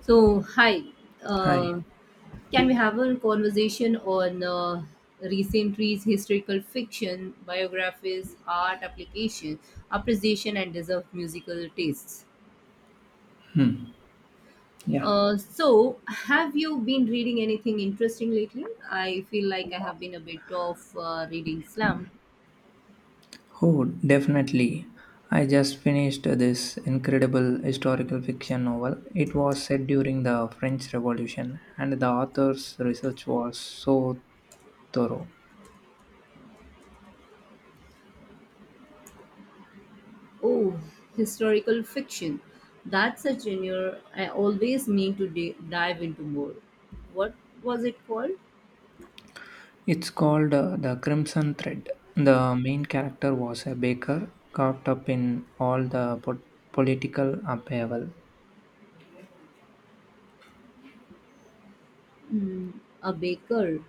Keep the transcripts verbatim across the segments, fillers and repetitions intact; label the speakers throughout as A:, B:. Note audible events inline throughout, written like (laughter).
A: So, hi.
B: Hi.
A: Uh, can we have a conversation on uh, recent reads, historical fiction, biographies, art application, appreciation, and deserved musical tastes?
B: Yeah.
A: Uh, so, have you been reading anything interesting lately? I feel like I have been a bit of uh, reading slump.
B: Oh, definitely. I just finished this incredible historical fiction novel. It was set during the French Revolution, and the author's research was so thorough.
A: Oh, historical fiction. That's a genre I always mean to di- dive into more. What was it called?
B: It's called uh, The Crimson Thread. The main character was a baker caught up in all the po- political upheaval.
A: Mm, a baker.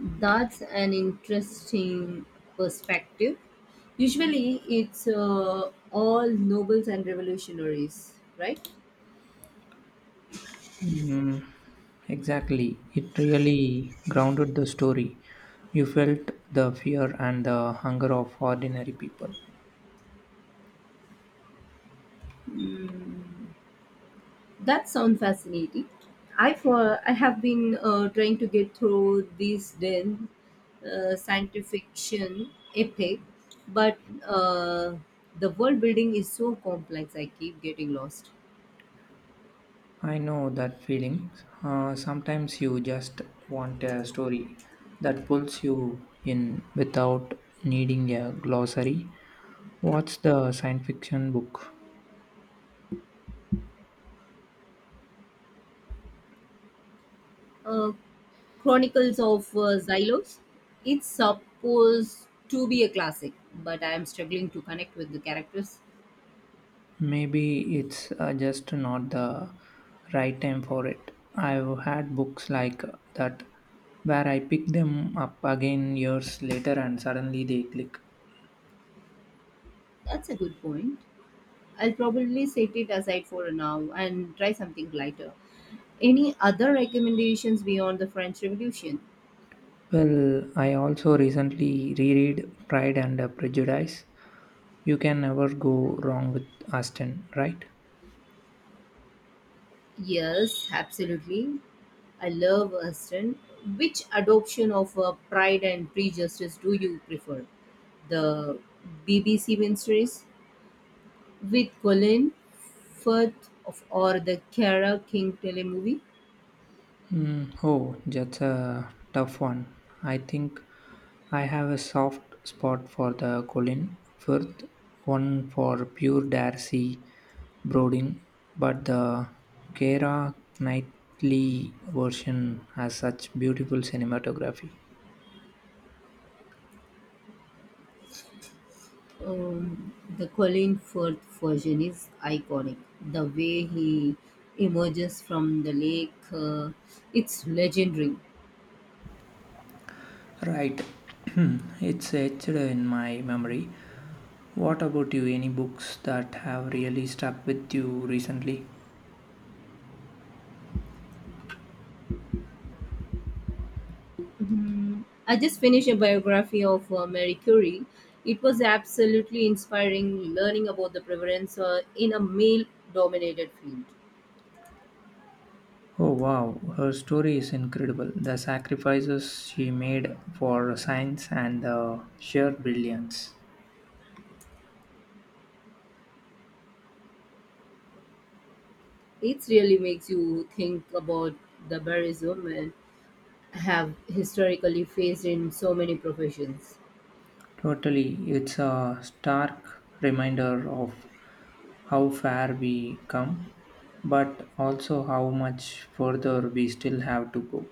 A: That's an interesting perspective. Usually, it's uh, all nobles and revolutionaries, right?
B: Mm, exactly. It really grounded the story. You felt the fear and the hunger of ordinary people.
A: Mm, that sounds fascinating. I for I have been uh, trying to get through these then uh, science fiction epic, but uh, the world building is so complex. I keep getting lost.
B: I know that feeling. Uh, sometimes you just want a story that pulls you in without needing a glossary. What's the science fiction book?
A: uh, Chronicles of uh, Xylos. It's supposed to be a classic, but I am struggling to connect with the characters.
B: Maybe it's uh, just not the right time for it. I've had books like that where I pick them up again years later and suddenly they click.
A: That's a good point. I'll probably set it aside for now and try something lighter. Any other recommendations beyond the French Revolution?
B: Well, I also recently reread Pride and Prejudice. You can never go wrong with Austen, right?
A: Yes, absolutely. I love Aston. Which adoption of uh, Pride and Prejudice do you prefer? The B B C miniseries with Colin Firth of, or the Cara King telemovie.
B: Mm, oh, that's a tough one. I think I have a soft spot for the Colin Firth, one for pure Darcy Brodin, but the Kara Knightley version has such beautiful cinematography.
A: Um, the Colin Firth version is iconic. The way he emerges from the lake, uh, it's legendary.
B: Right, (clears throat) it's etched in my memory. What about you? Any books that have really stuck with you recently?
A: Mhm. I just finished a biography of uh, Mary Curie. It was absolutely inspiring learning about the prevalence uh, in a male dominated field.
B: Oh wow, her story is incredible. The sacrifices she made for science and the sheer brilliance.
A: It really makes you think about the barriers women have historically faced in so many professions.
B: Totally, it's a stark reminder of how far we come, but also how much further we still have to go.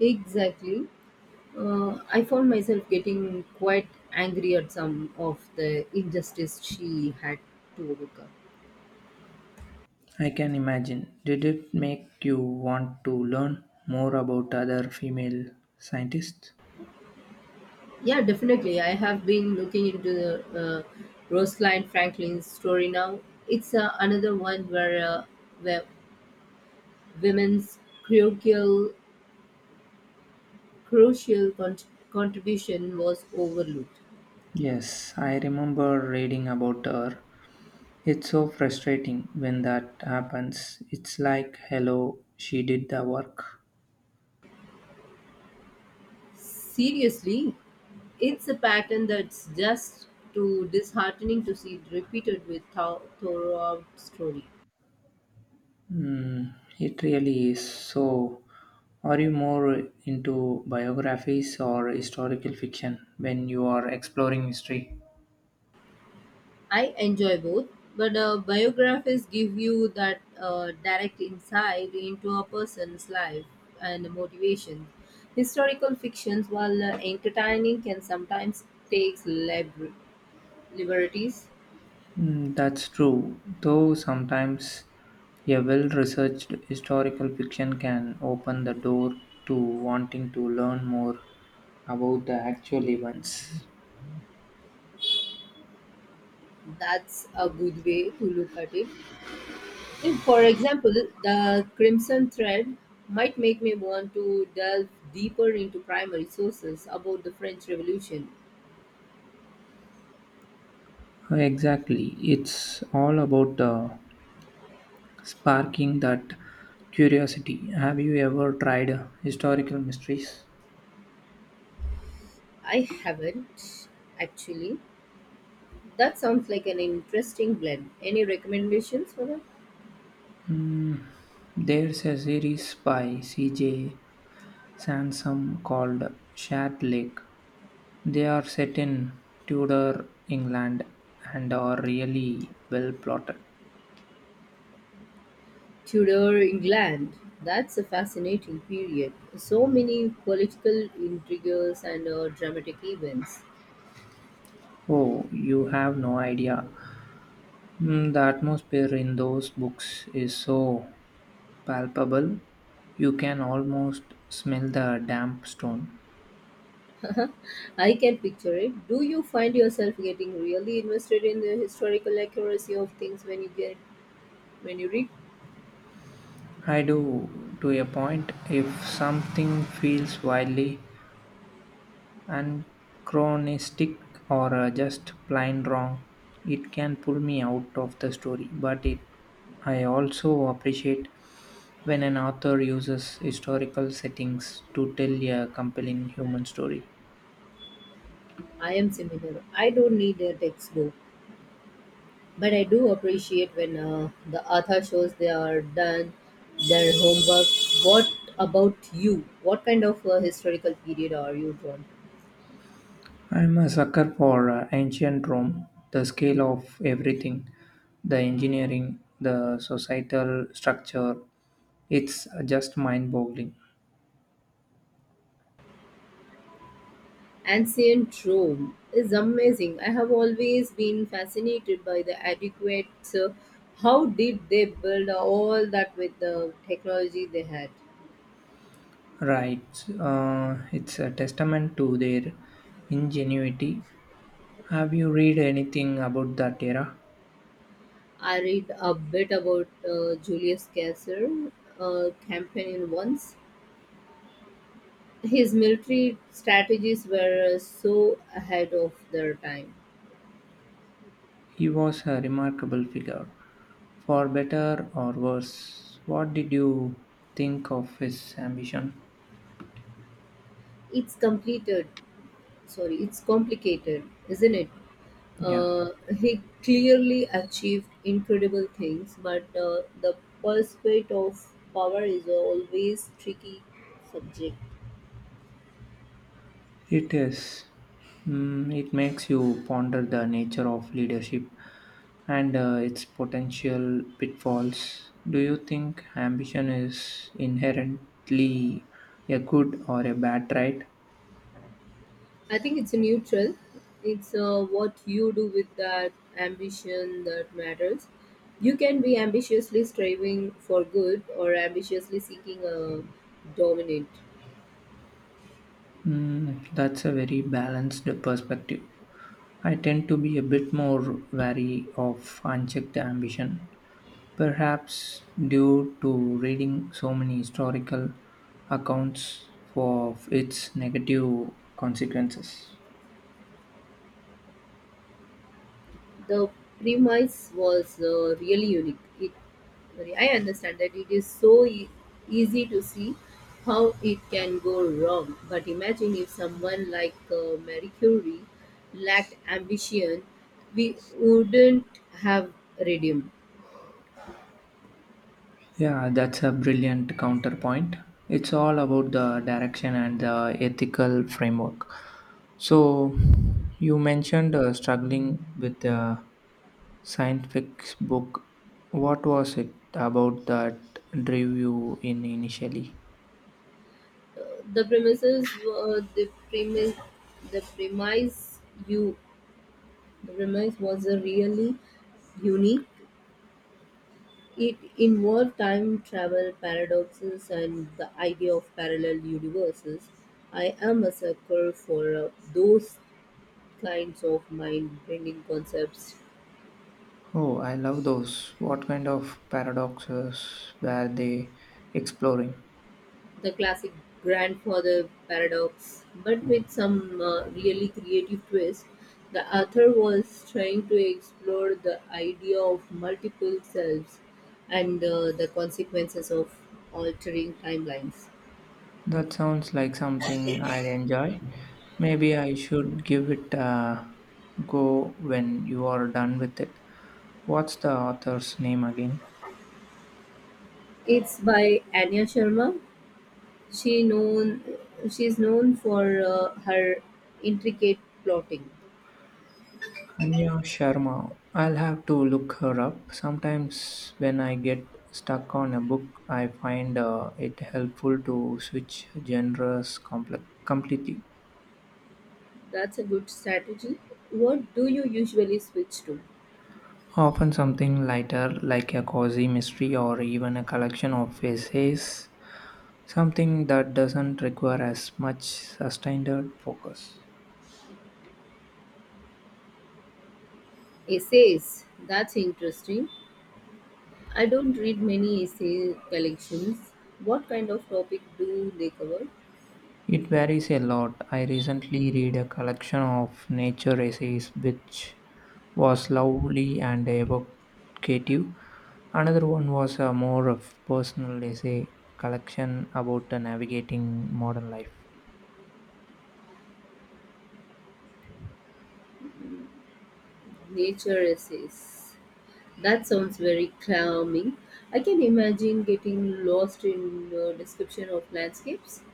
A: Exactly. Uh, I found myself getting quite angry at some of the injustice she had to overcome.
B: I can imagine. Did it make you want to learn more about other female scientists?
A: Yeah, definitely. I have been looking into the uh, Rosalind Franklin's story now. It's uh, another one where, uh, where women's crucial, crucial cont- contribution was overlooked.
B: Yes, I remember reading about her. It's so frustrating when that happens. It's like, hello, she did the work.
A: Seriously, it's a pattern that's just too disheartening to see it repeated with thou- throughout story.
B: Mm, it really is. So, are you more into biographies or historical fiction when you are exploring history?
A: I enjoy both, but uh, biographies give you that uh, direct insight into a person's life and motivation. Historical fictions, while uh, entertaining, can sometimes take lib- liberties.
B: Mm, that's true, though sometimes a well researched historical fiction can open the door to wanting to learn more about the actual events.
A: That's a good way to look at it. If, for example, the Crimson Thread might make me want to delve deeper into primary sources about the French Revolution.
B: Exactly. It's all about the sparking that curiosity. Have you ever tried historical mysteries?
A: I haven't actually. That sounds like an interesting blend. Any recommendations for that?
B: There's a series by C J. Sansom called Shat Lake. They are set in Tudor England and are really well plotted.
A: Tudor England. That's a fascinating period. So many political intrigues and uh, dramatic events.
B: Oh, you have no idea. Mm, the atmosphere in those books is so palpable, you can almost smell the damp stone.
A: I can picture it. Do you find yourself getting really invested in the historical accuracy of things when you get when you read?
B: I do, to a point. If something feels wildly anachronistic or uh, just plain wrong, it can pull me out of the story. But it, I also appreciate when an author uses historical settings to tell a compelling human story.
A: I am similar. I don't need a textbook. But I do appreciate when uh, the author shows they are done their homework. What about you? What kind of uh, historical period are you drawn to?
B: I'm a sucker for uh, ancient Rome, the scale of everything, the engineering, the societal structure. It's just mind boggling.
A: Ancient Rome is amazing. I have always been fascinated by the adequate. Uh, how did they build all that with the technology they had?
B: Right. Uh, it's a testament to their ingenuity. Have you read anything about that era?
A: I read a bit about uh, Julius Caesar uh, campaign once. His military strategies were uh, so ahead of their time.
B: He was a remarkable figure, for better or worse. What did you think of his ambition?
A: It's completed. Sorry, it's complicated, isn't it?
B: Yeah.
A: Uh, he clearly achieved incredible things, but uh, the pursuit of power is always tricky subject.
B: It is. Mm, it makes you ponder the nature of leadership and uh, its potential pitfalls. Do you think ambition is inherently a good or a bad trait?
A: I think it's a neutral. It's uh, what you do with that ambition that matters. You can be ambitiously striving for good or ambitiously seeking a dominant.
B: Mm, that's a very balanced perspective. I tend to be a bit more wary of unchecked ambition, perhaps due to reading so many historical accounts of its negative consequences.
A: The premise was uh, really unique. It, I understand that it is so e- easy to see how it can go wrong, but imagine if someone like uh, Marie Curie lacked ambition, we wouldn't have radium.
B: Yeah, that's a brilliant counterpoint. It's all about the direction and the ethical framework. So, you mentioned uh, struggling with the science fiction book. What was it about that drew you in initially?
A: The premises were the premise the premise you the premise was a really unique. It involved time travel paradoxes and the idea of parallel universes. I am a sucker for uh, those kinds of mind bending concepts.
B: Oh, I love those. What kind of paradoxes were they exploring?
A: The classic grandfather paradox, but with some uh, really creative twist. The author was trying to explore the idea of multiple selves and uh, the consequences of altering timelines.
B: That sounds like something I'd enjoy. Maybe I should give it a go when you are done with it. What's the author's name again?
A: It's by Anya Sharma. She known she's known for uh, her intricate plotting.
B: Anya Sharma. I'll have to look her up. Sometimes when I get stuck on a book, I find uh, it helpful to switch genres comple- completely.
A: That's a good strategy. What do you usually switch to?
B: Often something lighter, like a cozy mystery or even a collection of essays, something that doesn't require as much sustained focus.
A: Essays. That's interesting. I don't read many essay collections. What kind of topic do they cover?
B: It varies a lot. I recently read a collection of nature essays which was lovely and evocative. Another one was a more of personal essay collection about uh, navigating modern life.
A: Nature essays. That sounds very calming. I can imagine getting lost in a description of landscapes.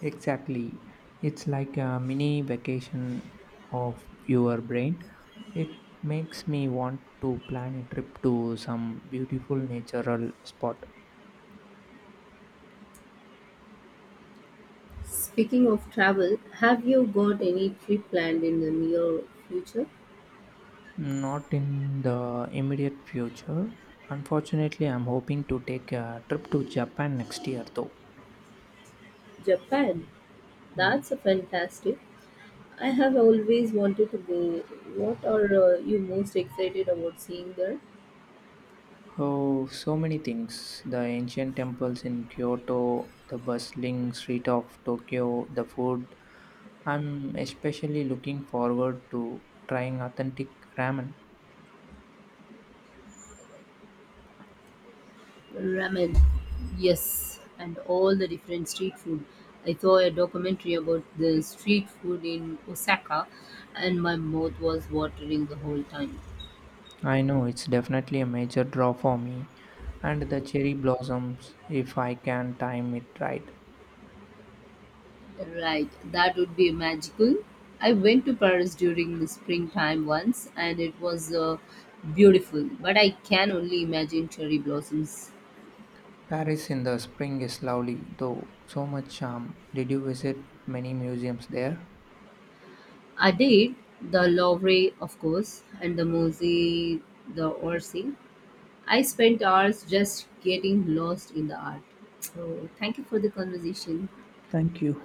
B: Exactly. It's like a mini vacation of your brain. It makes me want to plan a trip to some beautiful natural spot.
A: Speaking of travel, have you got any trip planned in the near future?
B: Not in the immediate future. Unfortunately, I'm hoping to take a trip to Japan next year though.
A: Japan.
B: Hmm.
A: That's a fantastic. I have always wanted to go. What are uh, you most excited about seeing there?
B: Oh, so many things. The ancient temples in Kyoto, the bustling street of Tokyo, the food, I'm especially looking forward to trying authentic ramen.
A: Ramen, yes, and all the different street food. I saw a documentary about the street food in Osaka, and my mouth was watering the whole time.
B: I know it's definitely a major draw for me, and the cherry blossoms if I can time it right.
A: Right, that would be magical. I went to Paris during the springtime once, and it was uh, beautiful, but I can only imagine cherry blossoms.
B: Paris in the spring is lovely, though, so much charm. Did you visit many museums there?
A: I did the Louvre, of course, and the Musée, the Orsay. I spent hours just getting lost in the art. So, thank you for the conversation.
B: Thank you.